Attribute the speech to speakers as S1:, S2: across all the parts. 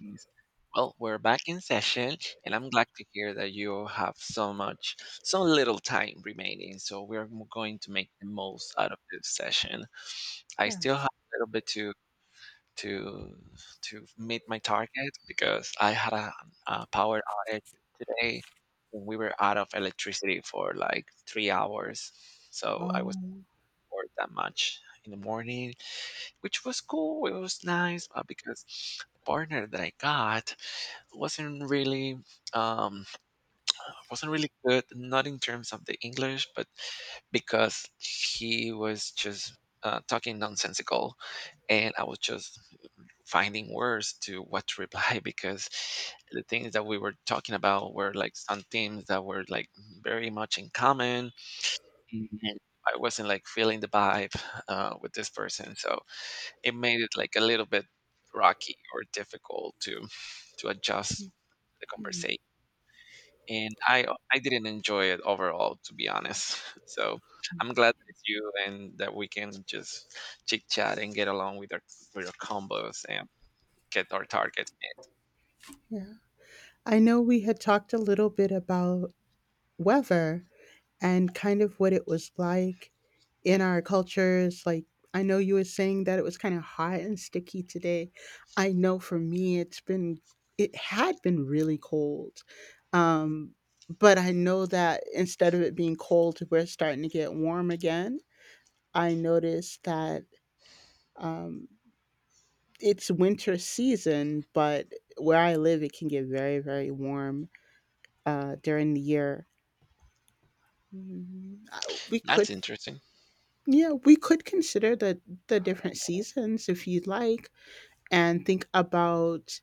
S1: Yes. Well, we're back in session, and I'm glad to hear that you have so much, so little time remaining. So going to make the most out of this session. I still have
S2: Yes.
S1: a little bit to to meet my target because I had a power outage today. We were out of electricity for like 3 hours. So I was
S2: Oh,
S1: bored that much in the morning, which was cool. It was nice because the partner that I got wasn't really um wasn't really good, not in terms of the english, but because he was just talking nonsensical, and I was just finding words to what to reply, because the things that we were talking about were like some themes that were like very much in common. Mhm. And I wasn't like feeling the vibe with this person, so it made it like a little bit rocky or difficult to adjust the
S2: hmm,
S1: conversation. And I didn't enjoy it overall, to be honest. So I'm glad that it's you, and that we can just chit chat and get along with our combos and get our targets met.
S2: yeah. I know we had talked a little bit about weather and kind of what it was like in our cultures. Like, I know you were saying that it was kind of hot and sticky today. I know for me, it had been really cold. Um, but I know that instead of it being cold, we're starting to get warm again. I noticed that. Um, It's winter season, but where I live, it can get very, very warm during the year. Mm, I- We
S1: That's
S2: could,
S1: interesting.
S2: yeah, we could consider the different seasons if you'd like, and think about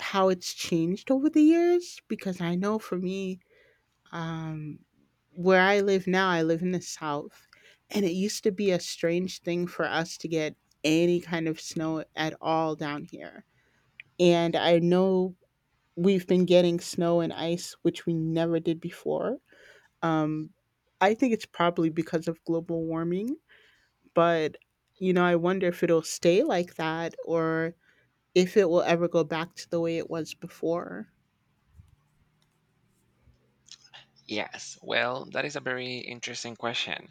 S2: how it's changed over the years. Because I know for me, um, where I live now, I live in the South, and it used to be a strange thing for us to get any kind of snow at all down here. And I know we've been getting snow and ice, which we never did before. Um, I think it's probably because of global warming, but I wonder if it'll stay like that or if it will ever go back to the way it was before.
S1: Yes. Well, that is a very interesting question.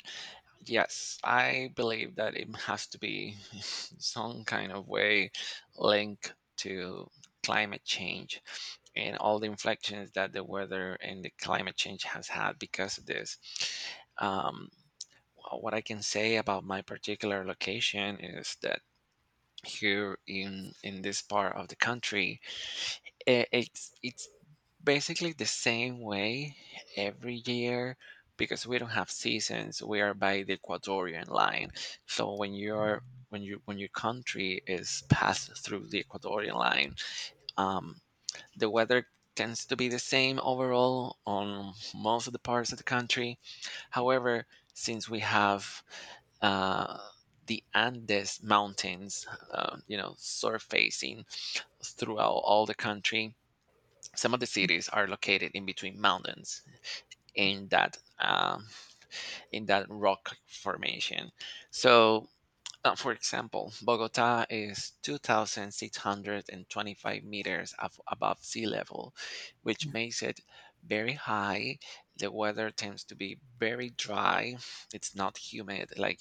S1: Yes, I believe that it has to be some kind of way linked to climate change and all the inflections that the weather and the climate change has had because of this. Um, what I can say about my particular location is that here in this part of the country it's basically the same way every year, because we don't have seasons. We are by the Ecuadorian line. So when you're when you when your country is passed through the Ecuadorian line, um, the weather tends to be the same overall on most of the parts of the country. However, since we have uh, the Andes mountains, you know, surfacing throughout all the country, some of the cities are located in between mountains, in that um, in that rock formation. So, for example, Bogota is 2,625 meters above sea level, which makes it very high. The weather tends to be very dry. It's not humid. Like,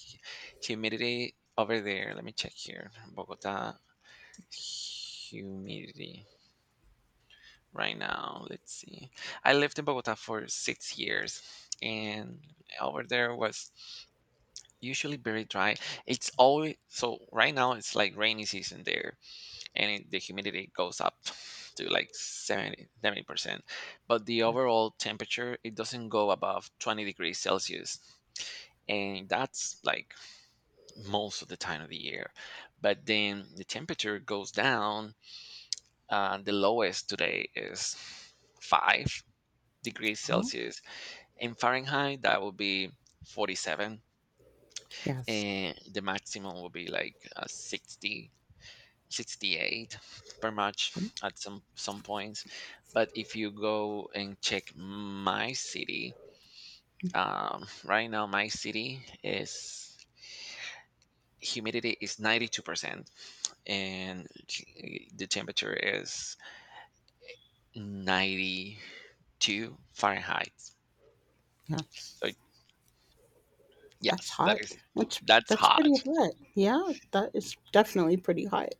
S1: humidity over there. Let me check here. Bogota humidity. Right now, let's see. I lived in Bogota for 6 years, and over there was usually very dry. It's always so. Right now, it's like rainy season there, and the humidity goes up to like seventy percent, but the
S2: Yes.
S1: overall temperature, it doesn't go above 20 degrees celsius, and that's like most of the time of the year. But then the temperature goes down. The lowest today is 5 degrees
S2: Oh,
S1: Celsius. In Fahrenheit, that would be 47,
S2: yes,
S1: and the maximum would be like 68 per much at some points. But if you go and check my city, right now my city is, humidity is 92%, and the temperature is 92 Fahrenheit. So
S2: yes. That's
S1: yes, that
S2: hot.
S1: is,
S2: That's
S1: that's
S2: that's
S1: hot.
S2: pretty hot. Yeah, that is definitely pretty hot.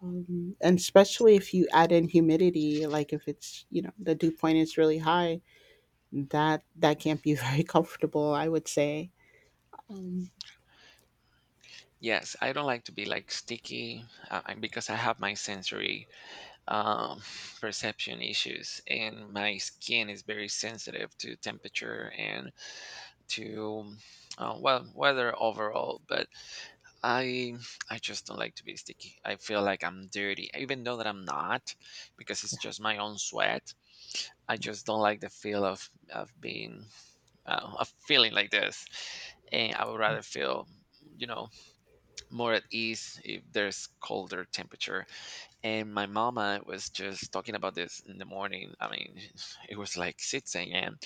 S2: And especially if you add in humidity, like if it's the dew point is really high, that can't be very comfortable, I would say. Um,
S1: Yes, I don't like to be like sticky. Because I have my sensory um, perception issues, and my skin is very sensitive to temperature and to well, weather overall. But I I just don't like to be sticky. I feel like I'm dirty, even though that I'm not, because it's just my own sweat. I just don't like the feel of being of feeling like this, and I would rather feel, you know, more at ease if there's colder temperature. And my mama was just talking about this in the morning. I mean, it was like 6 a.m.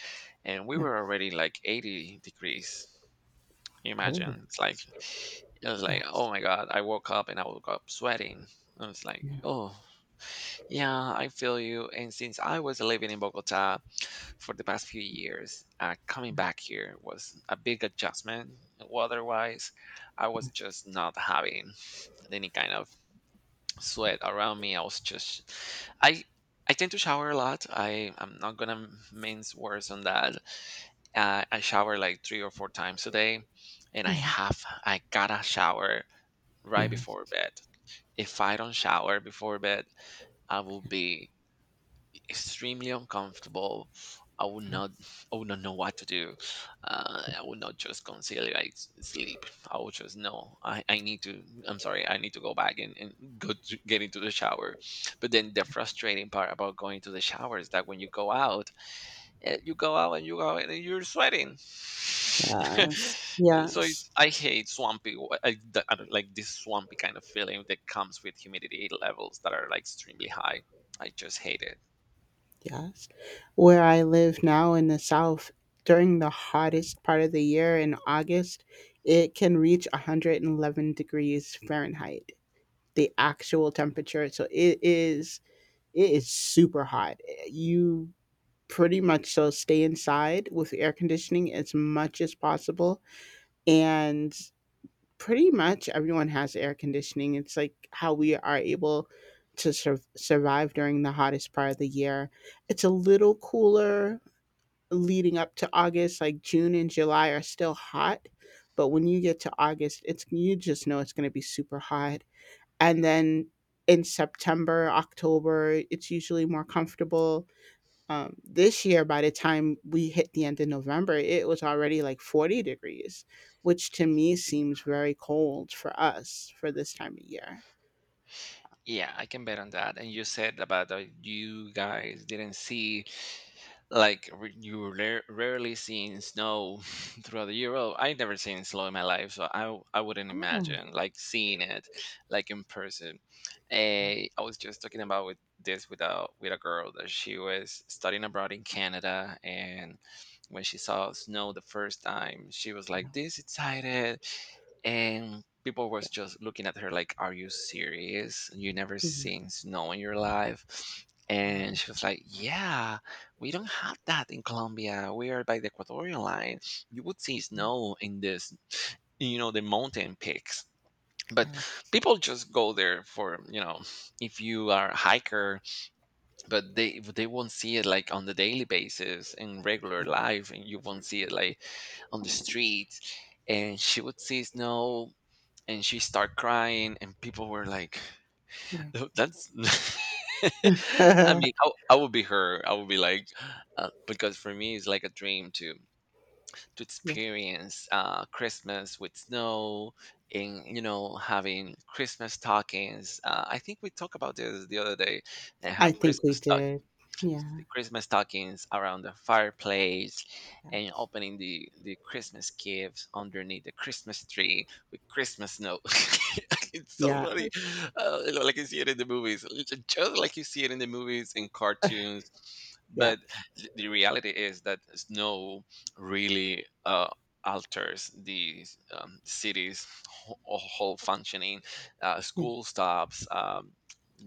S1: and we
S2: yeah.
S1: were already like 80 degrees. Can you
S2: Oh,
S1: imagine? It's like, it was like, oh
S2: yes.
S1: my god, I woke up and I woke up sweating. I was like,
S2: Yeah.
S1: oh yeah, I feel you. And since I was living in Bogota for the past few years, coming back here was a big adjustment. Weather-wise, I was
S2: Yes.
S1: just not having any kind of sweat around me. I was just, I, I tend to shower a lot. I'm not gonna mince words on that. I shower like three or four times a day, and
S2: Yeah.
S1: I gotta shower right before
S2: Yes.
S1: bed. If I don't shower before bed, I will be extremely uncomfortable. I would not, I would not know what to do. I would not just conciliate sleep. I would just know I need to. I'm sorry, I need to go back and go to get into the shower. But then the frustrating part about going to the shower is that when you go out, you go out and you're sweating.
S2: Yes.
S1: So
S2: Yes.
S1: I hate swampy, I don't like this swampy kind of feeling that comes with humidity levels that are like extremely high. I just hate it.
S2: Yes. Where I live now in the South, during the hottest part of the year in August, it can reach 111 degrees Fahrenheit, the actual temperature. So it is super hot. You pretty much so stay inside with air conditioning as much as possible. And pretty much everyone has air conditioning. It's like how we are able to survive during the hottest part of the year. It's a little cooler leading up to August, like June and July are still hot. But when you get to August, it's you just know it's going to be super hot. And then in September, October, it's usually more comfortable. This year, by the time we hit the end of November, it was already like 40 degrees, which to me seems very cold for us for this time of year.
S1: Yeah, I can bet on that. And you said about that you guys didn't see like r- you rare, rarely seen snow throughout the year. Well, I never seen snow in my life, so I wouldn't
S2: Oh,
S1: imagine like seeing it like in person.
S2: yeah,
S1: Eh, I was just talking about with this, with a girl that she was studying abroad in Canada, and when she saw snow the first time, she was like
S2: no,
S1: this excited, and people was
S2: yeah,
S1: just looking at her like, "Are you serious? You never
S2: yeah,
S1: seen snow in your life?"
S2: wow,
S1: And she was like, "Yeah." We don't have that in Colombia. We are by the Ecuadorian line. You would see
S2: yeah,
S1: snow in this, you know, the mountain peaks. But
S2: yes,
S1: people just go there for, you know, if you are a hiker, but they won't see it like on the daily basis in regular life, and you won't see it like on the street. And she would see snow and she start crying, and people were like,
S2: yeah,
S1: that's I
S2: yeah,
S1: mean, I would be her. I would be like, because for me, it's like a dream to
S2: yeah,
S1: experience Christmas with snow, and you know, having Christmas stockings. I think we talked about this the other day, and have
S2: I think we
S1: Christmas stockings,
S2: did.
S1: the
S2: Yeah.
S1: Christmas stockings around the fireplace, and
S2: Yes,
S1: opening the Christmas gifts underneath the Christmas tree with Christmas snow. It's so funny.
S2: yes.
S1: You know, like you see it in the movies. It's just like you see it in the movies and cartoons. But
S2: Yes.
S1: the reality is that snow really alters the city's whole functioning.
S2: Yeah.
S1: School stops.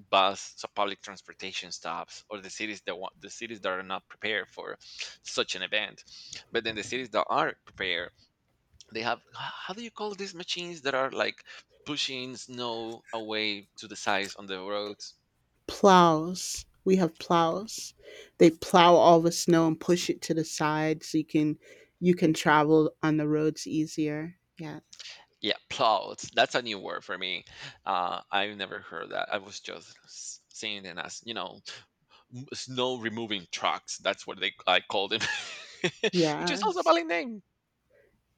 S1: Bus so public transportation stops, or the cities that want the cities that are not prepared for such an event. But then the cities that are prepared, they have how do you call these machines that are like pushing snow away to the sides on the roads?
S2: Plows. We have plows. They plow all the snow and push it to the side so you can travel on the roads easier. Yes.
S1: Yeah, plows, that's a new word for me. I've never heard that. I was just seeing them as, you know, snow removing trucks, that's what they I called them, which is also a
S2: Yes,
S1: valid name.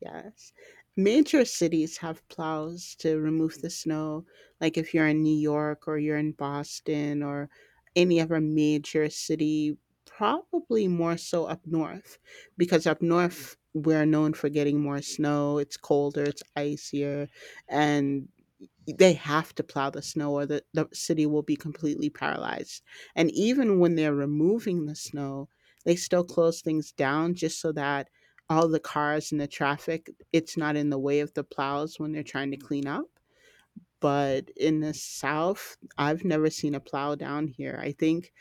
S2: yes. Major cities have plows to remove the snow. Like if you're in New York or you're in Boston or any other major city, probably more so up north, because up north we're known for getting more snow. It's colder, it's icier, and they have to plow the snow or the city will be completely paralyzed. And even when they're removing the snow, they still close things down just so that all the cars and the traffic, it's not in the way of the plows when they're trying to clean up. But in the South, I've never seen a plow down here. I think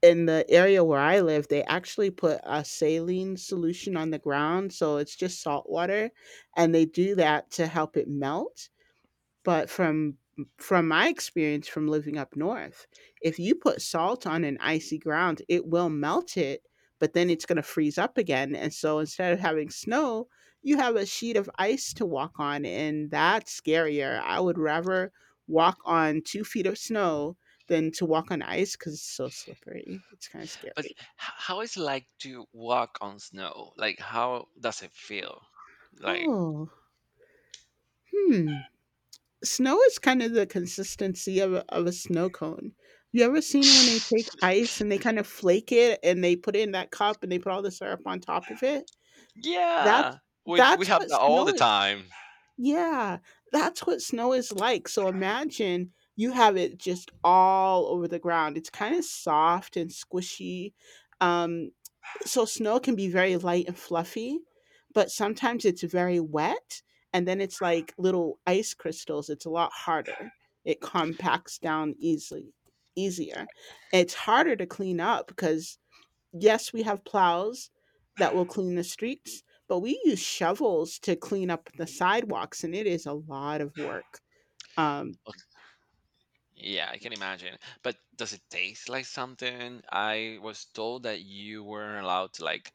S2: in the area where I live, they actually put a saline solution on the ground. So it's just salt water. And they do that to help it melt, but from my experience from living up north, if you put salt on an icy ground, it will melt it, but then it's going to freeze up again. And so instead of having snow, you have a sheet of ice to walk on, and that's scarier. I would rather walk on 2 feet of snow than to walk on ice because it's so slippery. It's kind of
S1: But
S2: scary.
S1: how is it like to walk on snow? Like, how does it feel? Like,
S2: Oh, hmm. Snow is kind of the consistency of a snow cone. You ever seen when they take ice and they kind of flake it and they put it in that cup and they put all the syrup on top of it?
S1: yeah,
S2: That's
S1: we
S2: that's
S1: have
S2: what
S1: that all
S2: snow
S1: the
S2: is like.
S1: time.
S2: Yeah, that's what snow is like. So imagine you have it just all over the ground. It's kind of soft and squishy. Um, so snow can be very light and fluffy, but sometimes it's very wet and then it's like little ice crystals. It's a lot harder. It compacts down easily easier. It's harder to clean up because yes, we have plows that will clean the streets, but we use shovels to clean up the sidewalks, and it is a lot of work. Um
S1: Okay. Yeah, I can imagine. But does it taste like something? I was told that you weren't allowed to like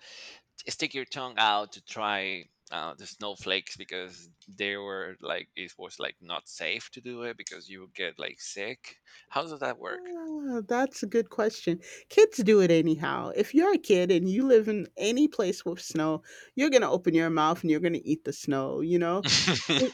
S1: stick your tongue out to try the snowflakes, because they were like, it was like not safe to do it because you would get like sick. How does that work?
S2: That's a good question. Kids do it anyhow. If you're a kid and you live in any place with snow, you're gonna open your mouth and you're gonna eat the snow, you know? It,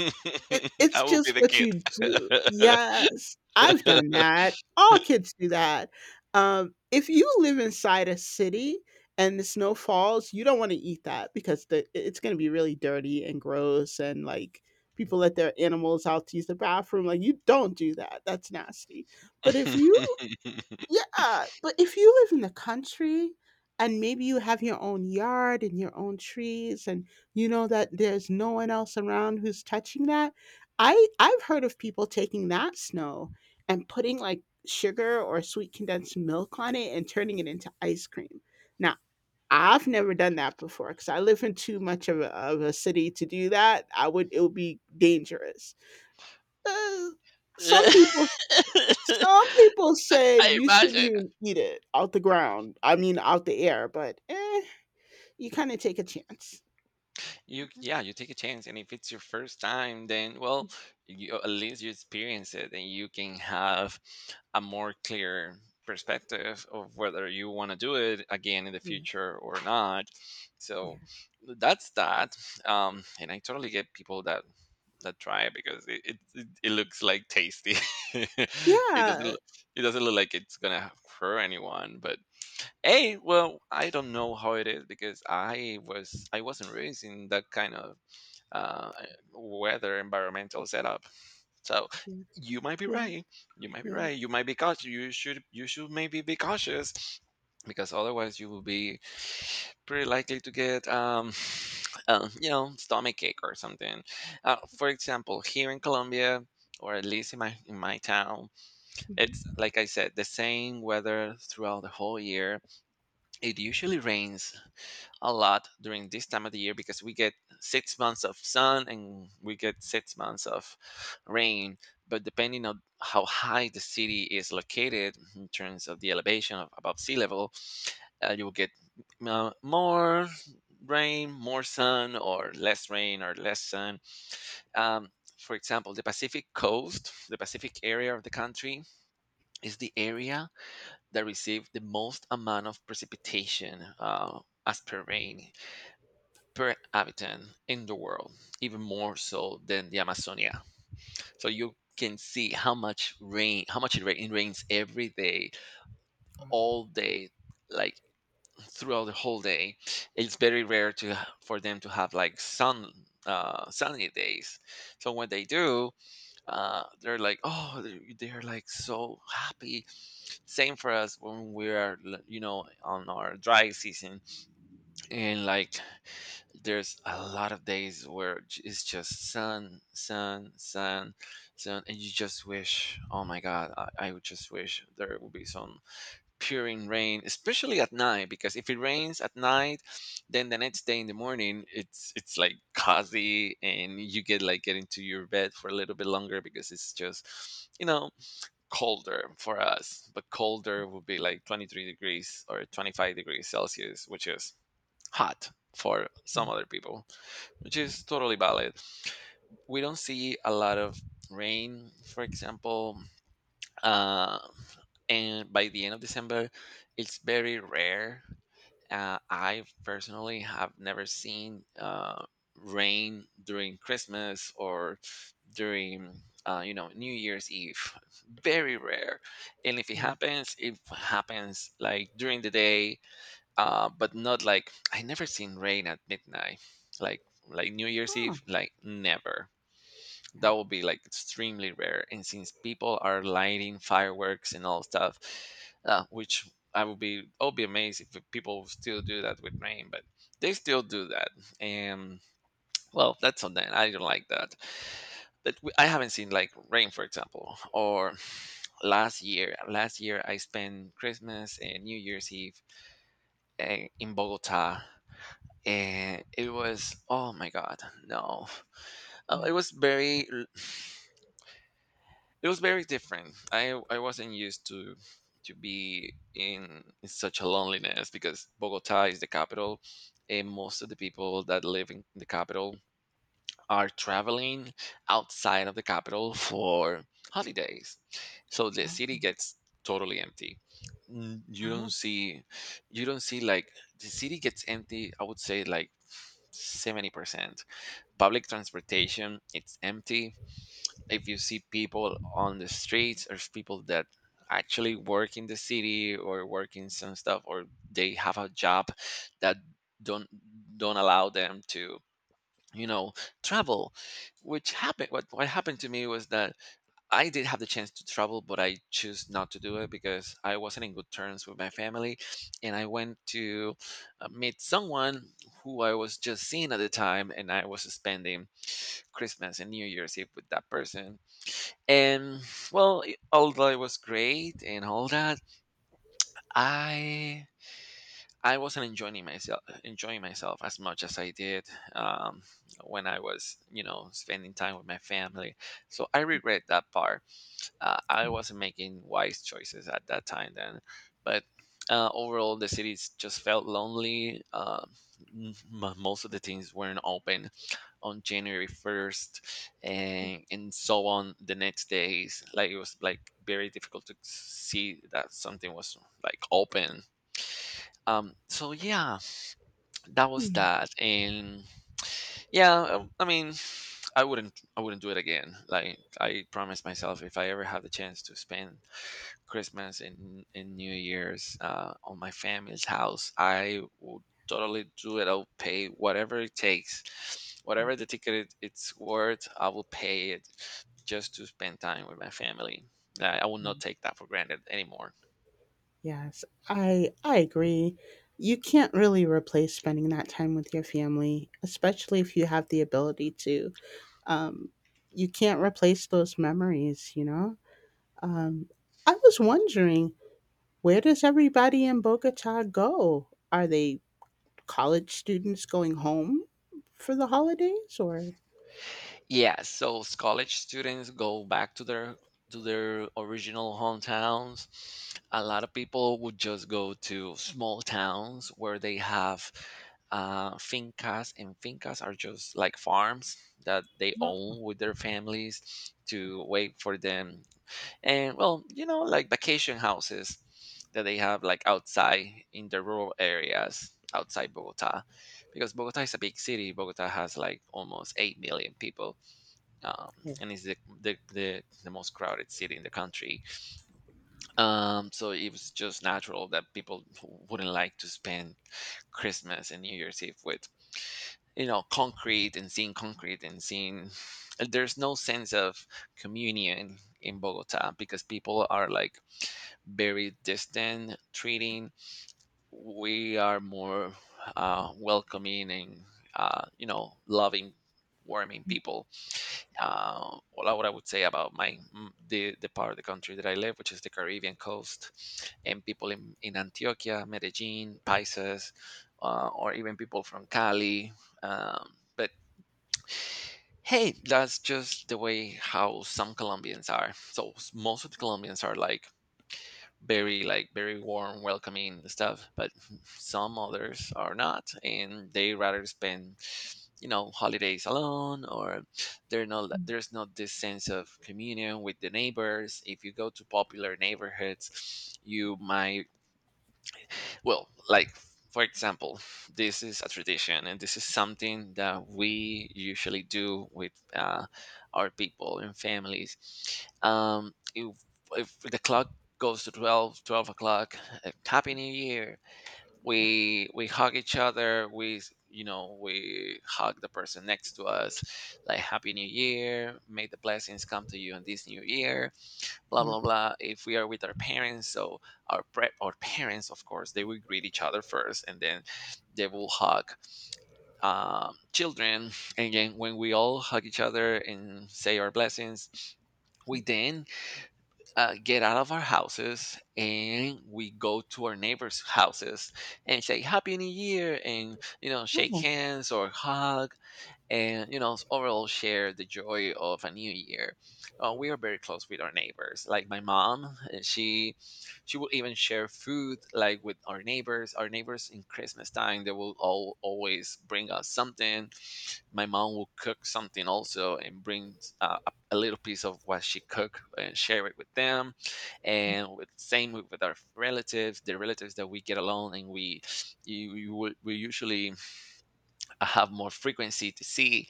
S2: it
S1: I
S2: it's
S1: will be
S2: just
S1: the
S2: what
S1: kid.
S2: you do. Yes, I've done that. All kids do that. If you live inside a city and the snow falls, you don't want to eat that, because the it's gonna be really dirty and gross and like people let their animals out to use the bathroom. Like, you don't do that. That's nasty. But if you Yeah, but if you live in the country and maybe you have your own yard and your own trees and you know that there's no one else around who's touching that, I've heard of people taking that snow and putting like sugar or sweet condensed milk on it and turning it into ice cream. Now, I've never done that before because I live in too much of a city to do that. I would It would be dangerous. Uh, some people say
S1: I
S2: you shouldn't
S1: imagine
S2: even eat it out the ground. I mean, out the air, but you kind of take a chance.
S1: yeah, you take a chance, and if it's your first time, then well, you, at least you experience it, and you can have a more clear perspective of whether you want to do it again in the
S2: Yeah,
S1: future or not.
S2: yeah,
S1: So that's that. And I totally get people that that try it, because it looks like tasty. It doesn't
S2: yeah,
S1: look, it doesn't look like it's gonna hurt anyone, but, hey, well, I don't know how it is because I wasn't raised in that kind of uh, weather environmental setup. So
S2: yeah,
S1: you might be
S2: yeah,
S1: right. You might be
S2: yeah,
S1: right. You might be cautious. You should maybe be cautious, because otherwise you will be pretty likely to get you know, stomach ache or something. For example, here in Colombia. Or at least in my, in my town,
S2: mhm,
S1: it's like I said, the same weather throughout the whole year. It usually rains a lot during this time of the year, because we get 6 months of sun, and we get 6 months of rain. But depending on how high the city is located in terms of the elevation of above sea level, you will get more rain, more sun, or less rain or less sun. Um, for example, the Pacific coast, the Pacific area of the country, is the area that receive the most amount of precipitation as per rain per habitant in the world, even more so than the Amazonia. So you can see how much rain, how much it rains every day, all day, like throughout the whole day. It's very rare to For them to have like sun sunny days. So when they do, they're like, oh, they're like so happy. Same for us when we are, on our dry season. And like, there's a lot of days where it's just sun, sun, sun, sun. And you just wish, oh my God, I would just wish there would be some pouring rain, especially at night, because if it rains at night, then the next day in the morning it's like cozy and you get like get into your bed for a little bit longer because it's just you know colder for us. But colder would be like 23 degrees or 25 degrees Celsius, which is hot for some
S2: yeah,
S1: other people, which is totally valid. We don't see a lot of rain, for example, uh, and by the end of December, it's very rare. I personally have never seen rain during Christmas or during New Year's Eve. Very rare, and if it
S2: yeah.
S1: happens, it happens like during the day, but not like I never seen rain at midnight, like like New Year's
S2: Oh,
S1: Eve, like never.
S2: yeah,
S1: That will be like extremely rare, and since people are lighting fireworks and all stuff, which I would be amazed if people still do that with rain, but they still do that. And well, that's on them, I don't like that. But I haven't seen like rain for example, or last year I spent Christmas and New Year's Eve in Bogota, and it was oh my God, no, uh,
S2: yeah.
S1: it was very l- it was very different. I wasn't used to be in such a loneliness because Bogota is the capital, and most of the people that live in the capital are traveling outside of the capital for holidays. So the
S2: Oh,
S1: city gets totally empty. You
S2: uh
S1: don't see you don't see like the city gets empty, I would say like 70%. Public transportation, it's empty. If you see people on the streets or people that actually work in the city or work in some stuff or they have a job that don't don't allow them to you know travel, which happened what happened to me was that I did have the chance to travel, but I choose not to do it because I wasn't in good terms with my family. And I went to meet someone who I was just seeing at the time, and I was spending Christmas and New Year's Eve with that person. And well, although it was great and all that, I I wasn't enjoying myself as much as I did um, when I was spending time with my family. So I regret that part. I wasn't making wise choices at that time then. But overall, the cities just felt lonely. M- Most of the things weren't open on January 1st and so on the next days. Like it was like very difficult to see that something was like open. So yeah, that was
S2: hmm,
S1: that. And yeah, I mean, I wouldn't do it again. Like I promised myself if I ever had the chance to spend Christmas and New Year's on my family's house, I will totally do it. I'll pay whatever it takes,
S2: yeah,
S1: whatever the ticket it's worth. I will pay it just to spend time with my family. I will not
S2: hmm.
S1: take that for granted anymore.
S2: Yes, I agree. You can't really replace spending that time with your family, especially if you have the ability to. Um, you can't replace those memories. Um, I was wondering, where does everybody in Bogota go? Are they college students going home for the holidays, or—
S1: Yeah, so college students go back to their original hometowns. A lot of people would just go to small towns where they have fincas, and fincas are just like farms that they
S2: Well,
S1: own with their families to wait for them. And well, you know, like vacation houses that they have like outside in the rural areas outside Bogota, because Bogota is a big city. Bogota has like almost 8 million people, um,
S2: yeah,
S1: and it's the most crowded city in the country. So it was just natural that people wouldn't like to spend Christmas and New Year's Eve with concrete and seeing concrete and seeing. There's no sense of communion in Bogota because people are like very distant treating. We are more welcoming and loving, warming people, well, what I would say about my the part of the country that I live, which is the Caribbean coast, and people in Antioquia, Medellin, Paisas, or even people from Cali. Um, but hey, that's just the way how some Colombians are. So most of the Colombians are like very warm, welcoming and stuff. But some others are not, and they rather spend holidays alone, or they're not there's not this sense of communion with the neighbors. If you go to popular neighborhoods you might well, like for example, this is a tradition, and this is something that we usually do with our people and families. Um, if, if the clock goes to 12 o'clock, Happy New Year.
S2: yeah,
S1: We hug each other. We hug the person next to us, like Happy New Year. May the blessings come to you in this new year, blah
S2: yeah.
S1: blah blah. If we are with our parents, so our parents, of course they will greet each other first, and then they will hug children. And again, when we all hug each other and say our blessings, we then get out of our houses and we go to our neighbors' houses and say Happy New Year and shake
S2: Oh,
S1: hands or hug and overall share the joy of a new year. We are very close with our neighbors. Like my mom, she will even share food like with our neighbors. Our neighbors in Christmas time they will all always bring us something. My mom will cook something also and bring a little piece of what she cooked and share it with them. And with same with our relatives, the relatives that we get along, and we we usually I have more frequency to see.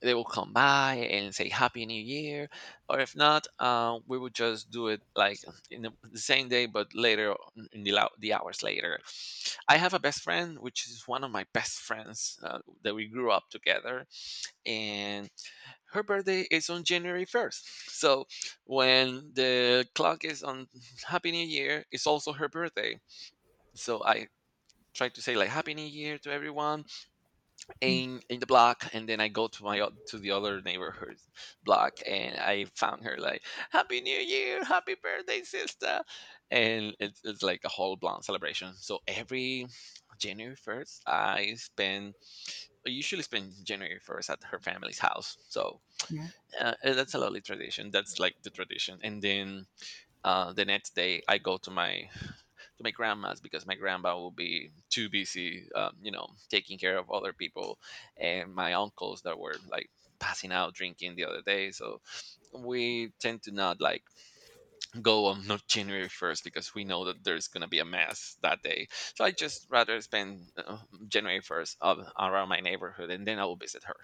S1: They will come by and say Happy New Year, or if not, we would just do it like in the same day, but later on- in the, lou- the hours later. I have a best friend, which is one of my best friends that we grew up together, and her birthday is on January 1st. So when the clock is on Happy New Year, it's also her birthday. So I try to say like Happy New Year to everyone
S2: mm,
S1: in the block, and then I go to to the other neighborhood block and I found her like Happy New Year, happy birthday sister. And it's like a whole blown celebration. So every January 1st I spend I usually spend January 1st at her family's house. So
S2: yeah.
S1: that's a lovely tradition. That's like the tradition. And then the next day, I go to my grandma's, because my grandma will be too busy, you know, taking care of other people and my uncles that were like passing out drinking the other day. So we tend to not like go on No- January 1st because we know that there's going to be a mess that day. So I just rather spend January 1st up around my neighborhood, and then I will visit her.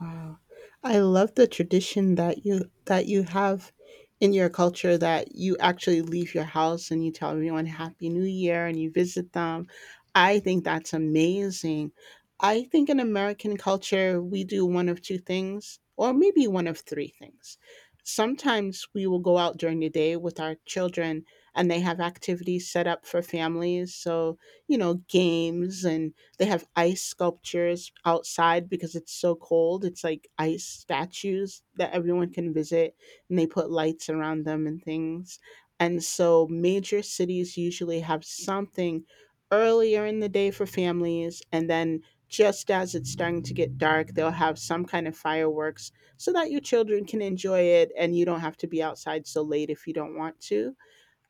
S2: Wow. I love the tradition that you have in your culture that you actually leave your house and you tell everyone happy new year and you visit them. I think that's amazing. I think in American culture we do one of two things, or maybe one of three things. Sometimes we will go out during the day with our children and they have activities set up for families, so games, and they have ice sculptures outside because it's so cold. It's like ice statues that everyone can visit, and they put lights around them and things. And so, major cities usually have something earlier in the day for families, and then just as it's starting to get dark, they'll have some kind of fireworks so that your children can enjoy it and you don't have to be outside so late if you don't want to.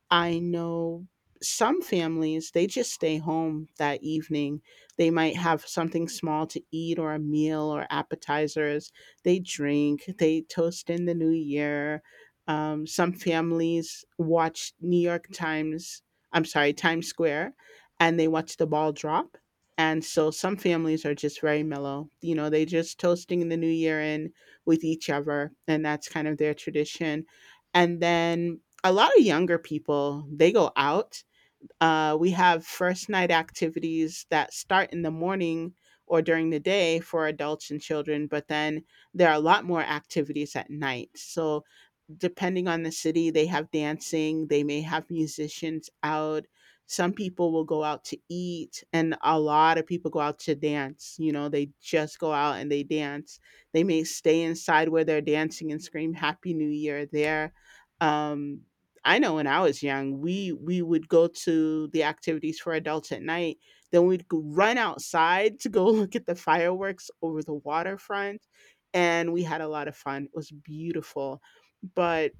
S2: I know some families, they just stay home that evening. They might have something small to eat, or a meal, or appetizers. They drink, they toast in the new year. Some families watch New York Times— I'm sorry, Times Square— and they watch the ball drop. And so some families are just very mellow. You know, they just toasting the new year in with each other, and that's kind of their tradition. And then a lot of younger people, they go out. We have first night activities that start in the morning or during the day for adults and children, but then there are a lot more activities at night, so depending on the city, they have dancing, they may have musicians out. Some people will go out to eat, and a lot of people go out to dance. You know, they just go out and they dance. They may stay inside where they're dancing and scream Happy New Year there. Um, I know when I was young, we would go to the activities for adults at night. Then we'd run outside to go look at the fireworks over the waterfront, and we had a lot of fun. It was beautiful, but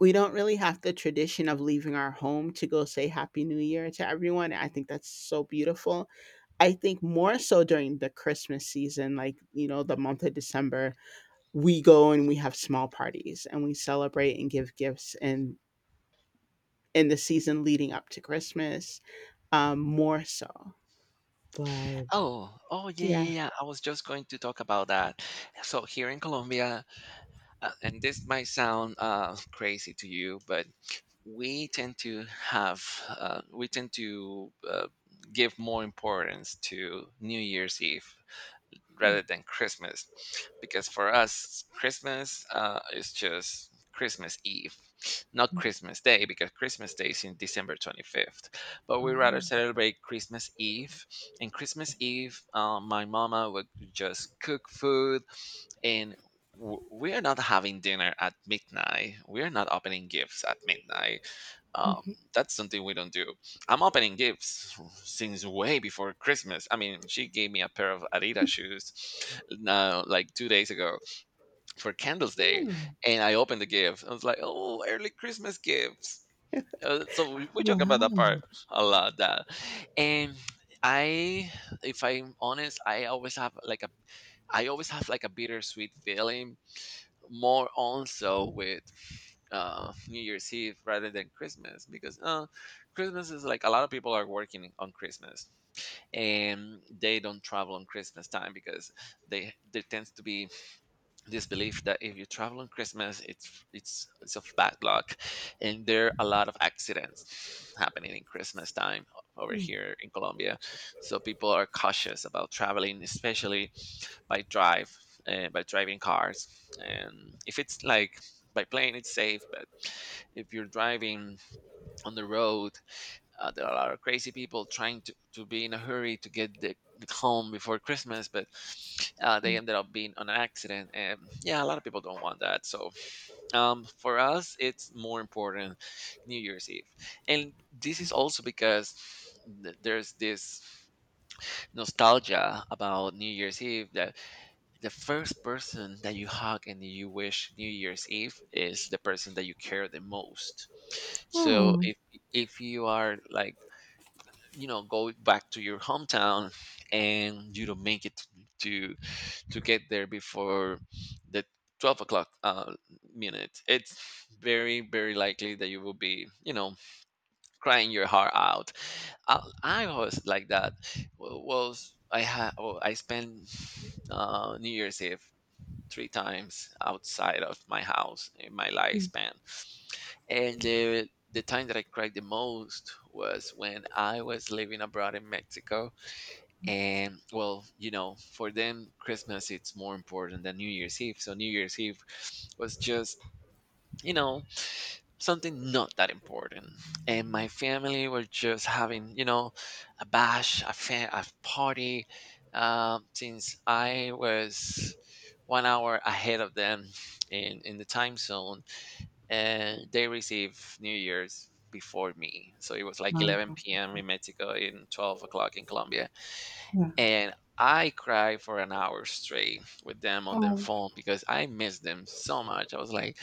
S2: we don't really have the tradition of leaving our home to go say happy new year to everyone. I think that's so beautiful. I think more so during the Christmas season, like the month of December, we go and we have small parties and we celebrate and give gifts, and in the season leading up to Christmas, more so. But
S1: Oh, oh yeah,
S2: yeah.
S1: yeah, yeah. I was just going to talk about that. So here in Colombia, and this might sound crazy to you, but we tend to have we tend to give more importance to New Year's Eve rather than Christmas, because for us Christmas is just Christmas Eve, not Christmas Day, because Christmas Day is in December 25th. But we
S2: Oh.
S1: rather celebrate Christmas Eve, and Christmas Eve, my mama would just cook food and we're not having dinner at midnight, we're not opening gifts at midnight. um,
S2: Mhm.
S1: that's something we don't do. I'm opening gifts since way before Christmas. I mean, she gave me a pair of Adidas shoes now, like 2 days ago, for Candles Day.
S2: Oh,
S1: And I opened the gift, I was like, oh, early Christmas gifts. So we talk about that
S2: wow.
S1: part a lot. That and I, if I'm honest, I always have like a, I always have like a bittersweet feeling more also with New Year's Eve rather than Christmas, because Christmas is like, a lot of people are working on Christmas and they don't travel on Christmas time because they, there tends to be this belief that if you travel on Christmas it's of bad luck, and there are a lot of accidents happening in Christmas time over here in Colombia. So people are cautious about traveling, especially by drive, by driving cars. And if it's like by plane, it's safe, but if you're driving on the road, there are a lot of crazy people trying to be in a hurry to get home before Christmas, but they ended up being on an accident, and yeah, a lot of people don't want that. So for us it's more important, New Year's Eve. And this is also because there's this nostalgia about New Year's Eve, that the first person that you hug and you wish New Year's Eve is the person that you care the most. So
S2: Oh,
S1: if you are like, you know, go back to your hometown and you don't make it to to get there before the 12 o'clock minute, it's very very likely that you will be, you know, crying your heart out. I was like that. W- was I had I spent New Year's Eve three times outside of my house in my lifespan. And the time that I cried the most was when I was living abroad in Mexico. And well, you know, for them, Christmas it's more important than New Year's Eve. So New Year's Eve was just, you know, something not that important. And my family were just having, you know, a bash, a, a party, since I was 1 hour ahead of them in the time zone. And they received New Year's before me. So it was like
S2: wow.
S1: 11 p.m. in Mexico and 12 o'clock in Colombia.
S2: Yeah.
S1: And I cried for an hour straight with them on the
S2: Oh,
S1: phone because I missed them so much. I was like,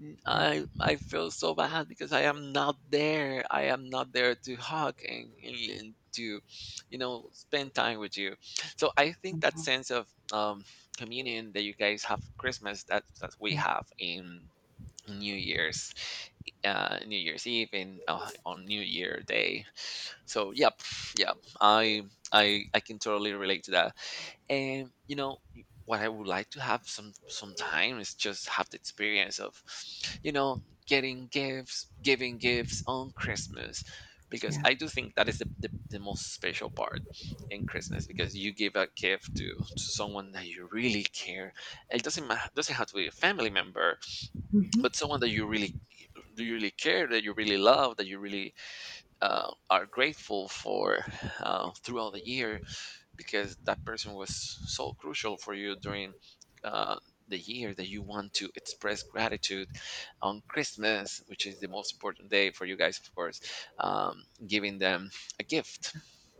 S1: mm,
S2: yeah.
S1: I feel so bad because I am not there. I am not there to hug and to, you know, spend time with you. So I think that
S2: Oh,
S1: sense of communion that you guys have Christmas, that we
S2: yeah.
S1: have in New Year's, New Year's Eve and on New Year Day. So yep, yeah, I, I can totally relate to that. And you know what, I would like to have some time, is just have the experience of, you know, getting gifts, giving gifts on Christmas, because
S2: Yeah.
S1: I do think that is the most special part in Christmas, because you give a gift to someone that you really care. It doesn't have to be a family member,
S2: Mhm.
S1: but someone that you really, do you really care, that you really love, that you really are grateful for throughout the year, because that person was so crucial for you during uh, the year, that you want to express gratitude on Christmas, which is the most important day for you guys, of course, giving them a gift,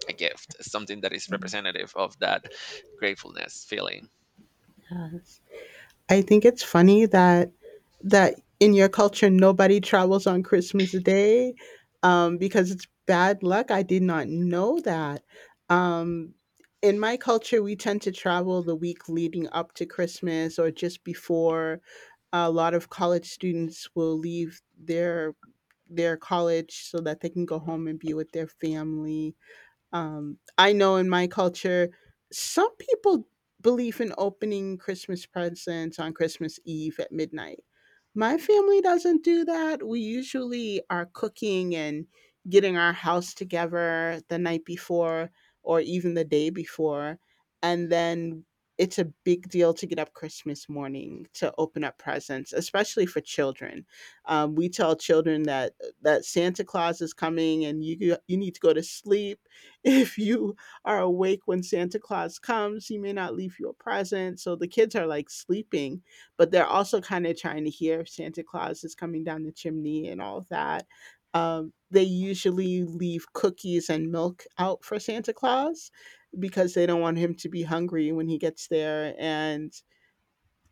S1: a gift, something that is
S2: It
S1: representative of that gratefulness feeling.
S2: does. I think it's funny that in your culture nobody travels on Christmas Day, because it's bad luck. I did not know that. Um, in my culture, we tend to travel the week leading up to Christmas or just before. A lot of college students will leave their college so that they can go home and be with their family. I know in my culture, some people believe in opening Christmas presents on Christmas Eve at midnight. My family doesn't do that. We usually are cooking and getting our house together the night before or even the day before. And then it's a big deal to get up Christmas morning to open up presents, especially for children. We tell children that Santa Claus is coming and you need to go to sleep. If you are awake when Santa Claus comes, he may not leave you a present. So the kids are like sleeping, but they're also kind of trying to hear if Santa Claus is coming down the chimney and all of that. They usually leave cookies and milk out for Santa Claus because they don't want him to be hungry when he gets there. And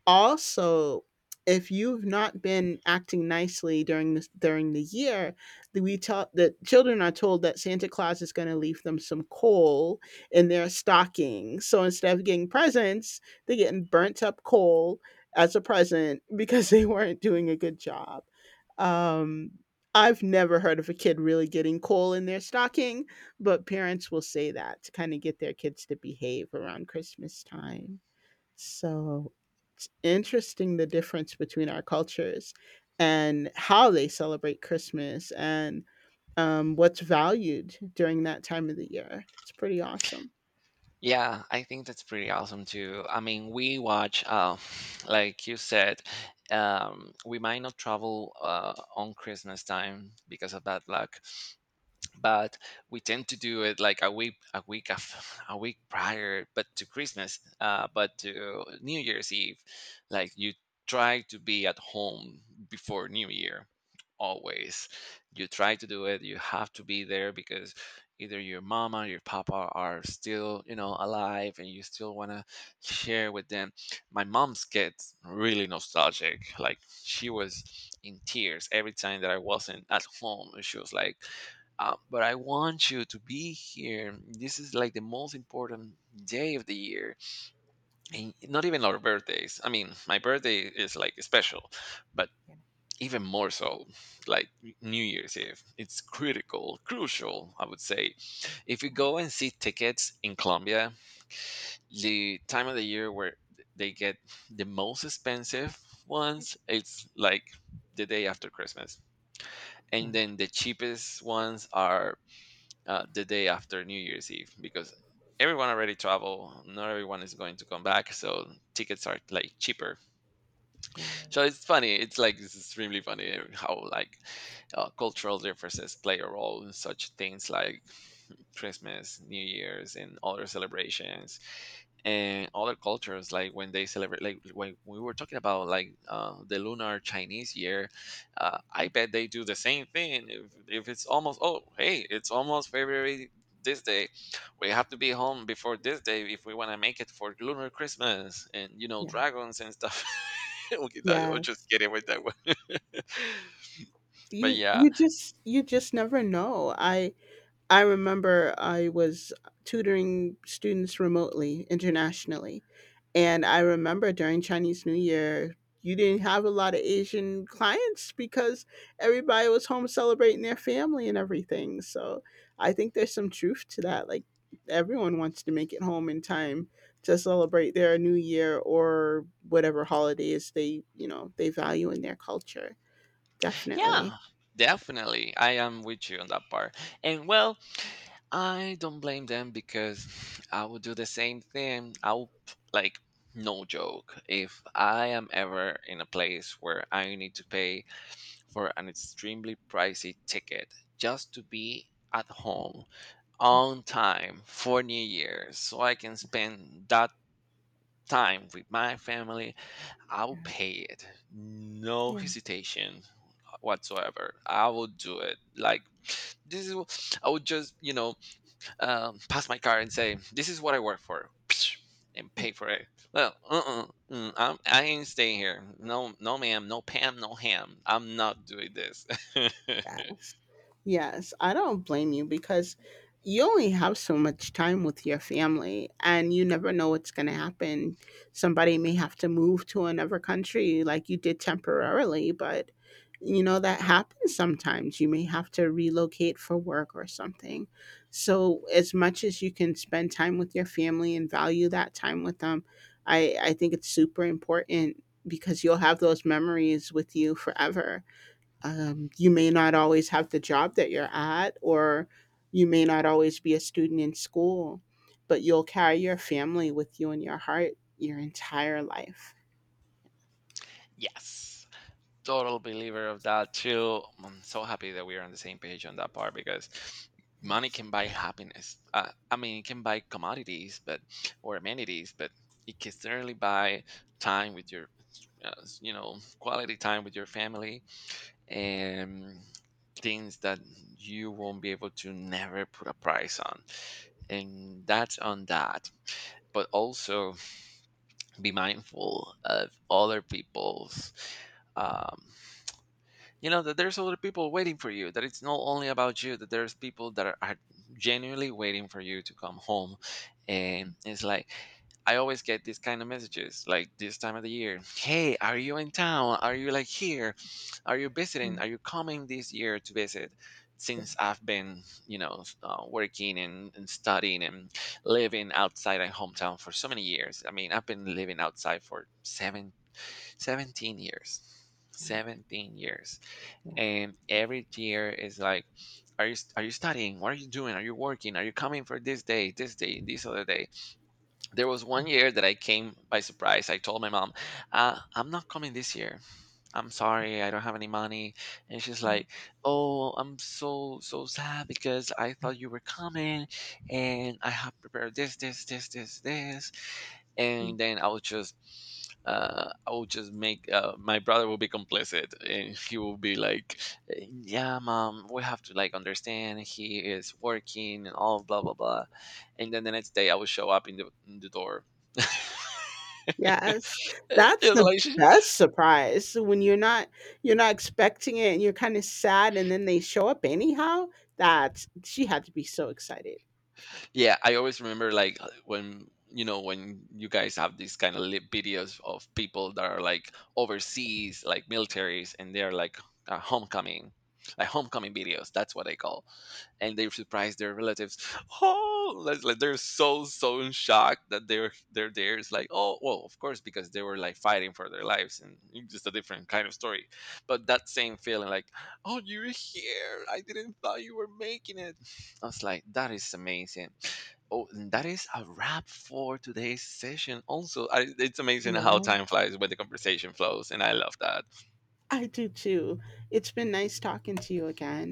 S2: also, if you've not been acting nicely during the year, the we tell the children are told that Santa Claus is going to leave them some coal in their stockings. So instead of getting presents, they're getting burnt up coal as a present because they weren't doing a good job. Um, I've never heard of a kid really getting coal in their stocking, but parents will say that to kind of get their kids to behave around Christmas time. So, it's interesting the difference between our cultures and how they celebrate Christmas and, what's valued during that time of the year. It's pretty awesome.
S1: Yeah, I think that's pretty awesome too. I mean, we watch, like you said, we might not travel on Christmas time because of bad luck, but we tend to do it like a week prior, but to Christmas, but to New Year's Eve. Like you try to be at home before New Year, always. You try to do it, you have to be there, because either your mama, your papa are still, you know, alive, and you still want to share with them. My mom's gets really nostalgic, like she was in tears every time that I wasn't at home. She was like, but I want you to be here. This is like the most important day of the year.
S2: Yeah,
S1: And not even our birthdays. I mean, my birthday is like special, but
S2: yeah,
S1: even more so, like New Year's Eve. It's critical, crucial, I would say. If you go and see tickets in Colombia, the time of the year where they get the most expensive ones, it's like the day after Christmas.
S2: yeah,
S1: And then the cheapest ones are the day after New Year's Eve, because everyone already traveled. Not everyone is going to come back, so tickets are like cheaper.
S2: yeah,
S1: So it's funny. It's like it's extremely funny how, like, cultural differences play a role in such things like Christmas, New Year's, and other celebrations, and other cultures like when they celebrate, like when we were talking about like the lunar Chinese year, I bet they do the same thing. If it's almost, oh hey, it's almost February this day, we have to be home before this day if we want to make it for lunar Christmas and, you know,
S2: yeah,
S1: dragons and stuff. Okay, that- I'll just
S2: yes.
S1: kidding with that one. But
S2: You
S1: yeah,
S2: you just you just never know. I remember I was tutoring students remotely internationally. And I remember during Chinese New Year, you didn't have a lot of Asian clients because everybody was home celebrating their family and everything. So I think there's some truth to that. Like everyone wants to make it home in time to celebrate their new year or whatever holidays they, you know, they value in their culture.
S1: yeah,
S2: Definitely.
S1: definitely, I am with you on that part. And well, I don't blame them, because I would do the same thing. I would like, no joke. If I am ever in a place where I need to pay for an extremely pricey ticket just to be at home on time for New Year's so I can spend that time with my family, I'll pay it. No
S2: Yeah.
S1: hesitation whatsoever. I will do it. Like, this is I would just, you know, pass my card and say, "This is what I work for," and pay for it. Well, uh-uh, mm, I'm, I ain't staying here. No, no, ma'am, no, Pam, no ham. I'm not doing this.
S2: Yes. Yes, I don't blame you because you only have so much time with your family and you never know what's going to happen. Somebody may have to move to another country like you did temporarily, but you know that happens sometimes. You may have to relocate for work or something. So, as much as you can spend time with your family and value that time with them, I think it's super important because you'll have those memories with you forever. You may not always have the job that you're at, or you may not always be a student in school, but you'll carry your family with you in your heart your entire life.
S1: Yes, total believer of that too. I'm so happy that we are on the same page on that part, because money can buy happiness. I mean, it can buy commodities, but, or amenities, but it can certainly buy time with your, uh, you know, quality time with your family, um, things that you won't be able to never put a price on. And that's on that. But also be mindful of other people's. Um, you know that there's a lot of people waiting for you, that it's not only about you, that there's people that are genuinely waiting for you to come home. And it's like, I always get these kind of messages like this time of the year, hey, are you in town, are you like here, are you
S2: Yeah,
S1: visiting, are you coming this year to visit,
S2: yeah,
S1: since I've been, you know, working and studying and living outside my hometown for so many years. I mean, I've been living outside for seven, 17 years,
S2: yeah,
S1: 17 years.
S2: yeah.
S1: And every year is like, are you, are you studying, what are you doing, are you working, are you coming for this day, this day, this other day. There was one year that I came by surprise. I told my mom, I'm not coming this year, I'm sorry, I don't have any money. And she's like, oh, I'm so so sad because I thought you were coming, and I have prepared this, this, this, this, this.
S2: Mm.
S1: And then I was just, I will just make, my brother will be complicit, and he will be like, "Eh, "Yeah, mom, we have to like understand he is working and all blah blah blah," and then the next day I will show up in the door.
S2: Yes,
S1: It
S2: that's
S1: was
S2: the
S1: like,
S2: best surprise when you're not expecting it and you're kind of sad, and then they show up anyhow. That's, she had to be so excited.
S1: yeah, I always remember, like, when you know when you guys have these kind of videos of people that are like overseas, like militaries, and they're like, homecoming, like homecoming videos. That's what I call. And they surprise their relatives. Oh, like they're so so in shock that they're there. It's like, oh well, of course, because they were like fighting for their lives, and it's just a different kind of story. But that same feeling like, oh, you're here, I didn't thought you were making it. I was like, that is amazing. Oh, and that is a wrap for today's session. Also, I, it's amazing how
S2: Yeah,
S1: time flies when the conversation flows, and I love that.
S2: I do too. It's been nice talking to you again.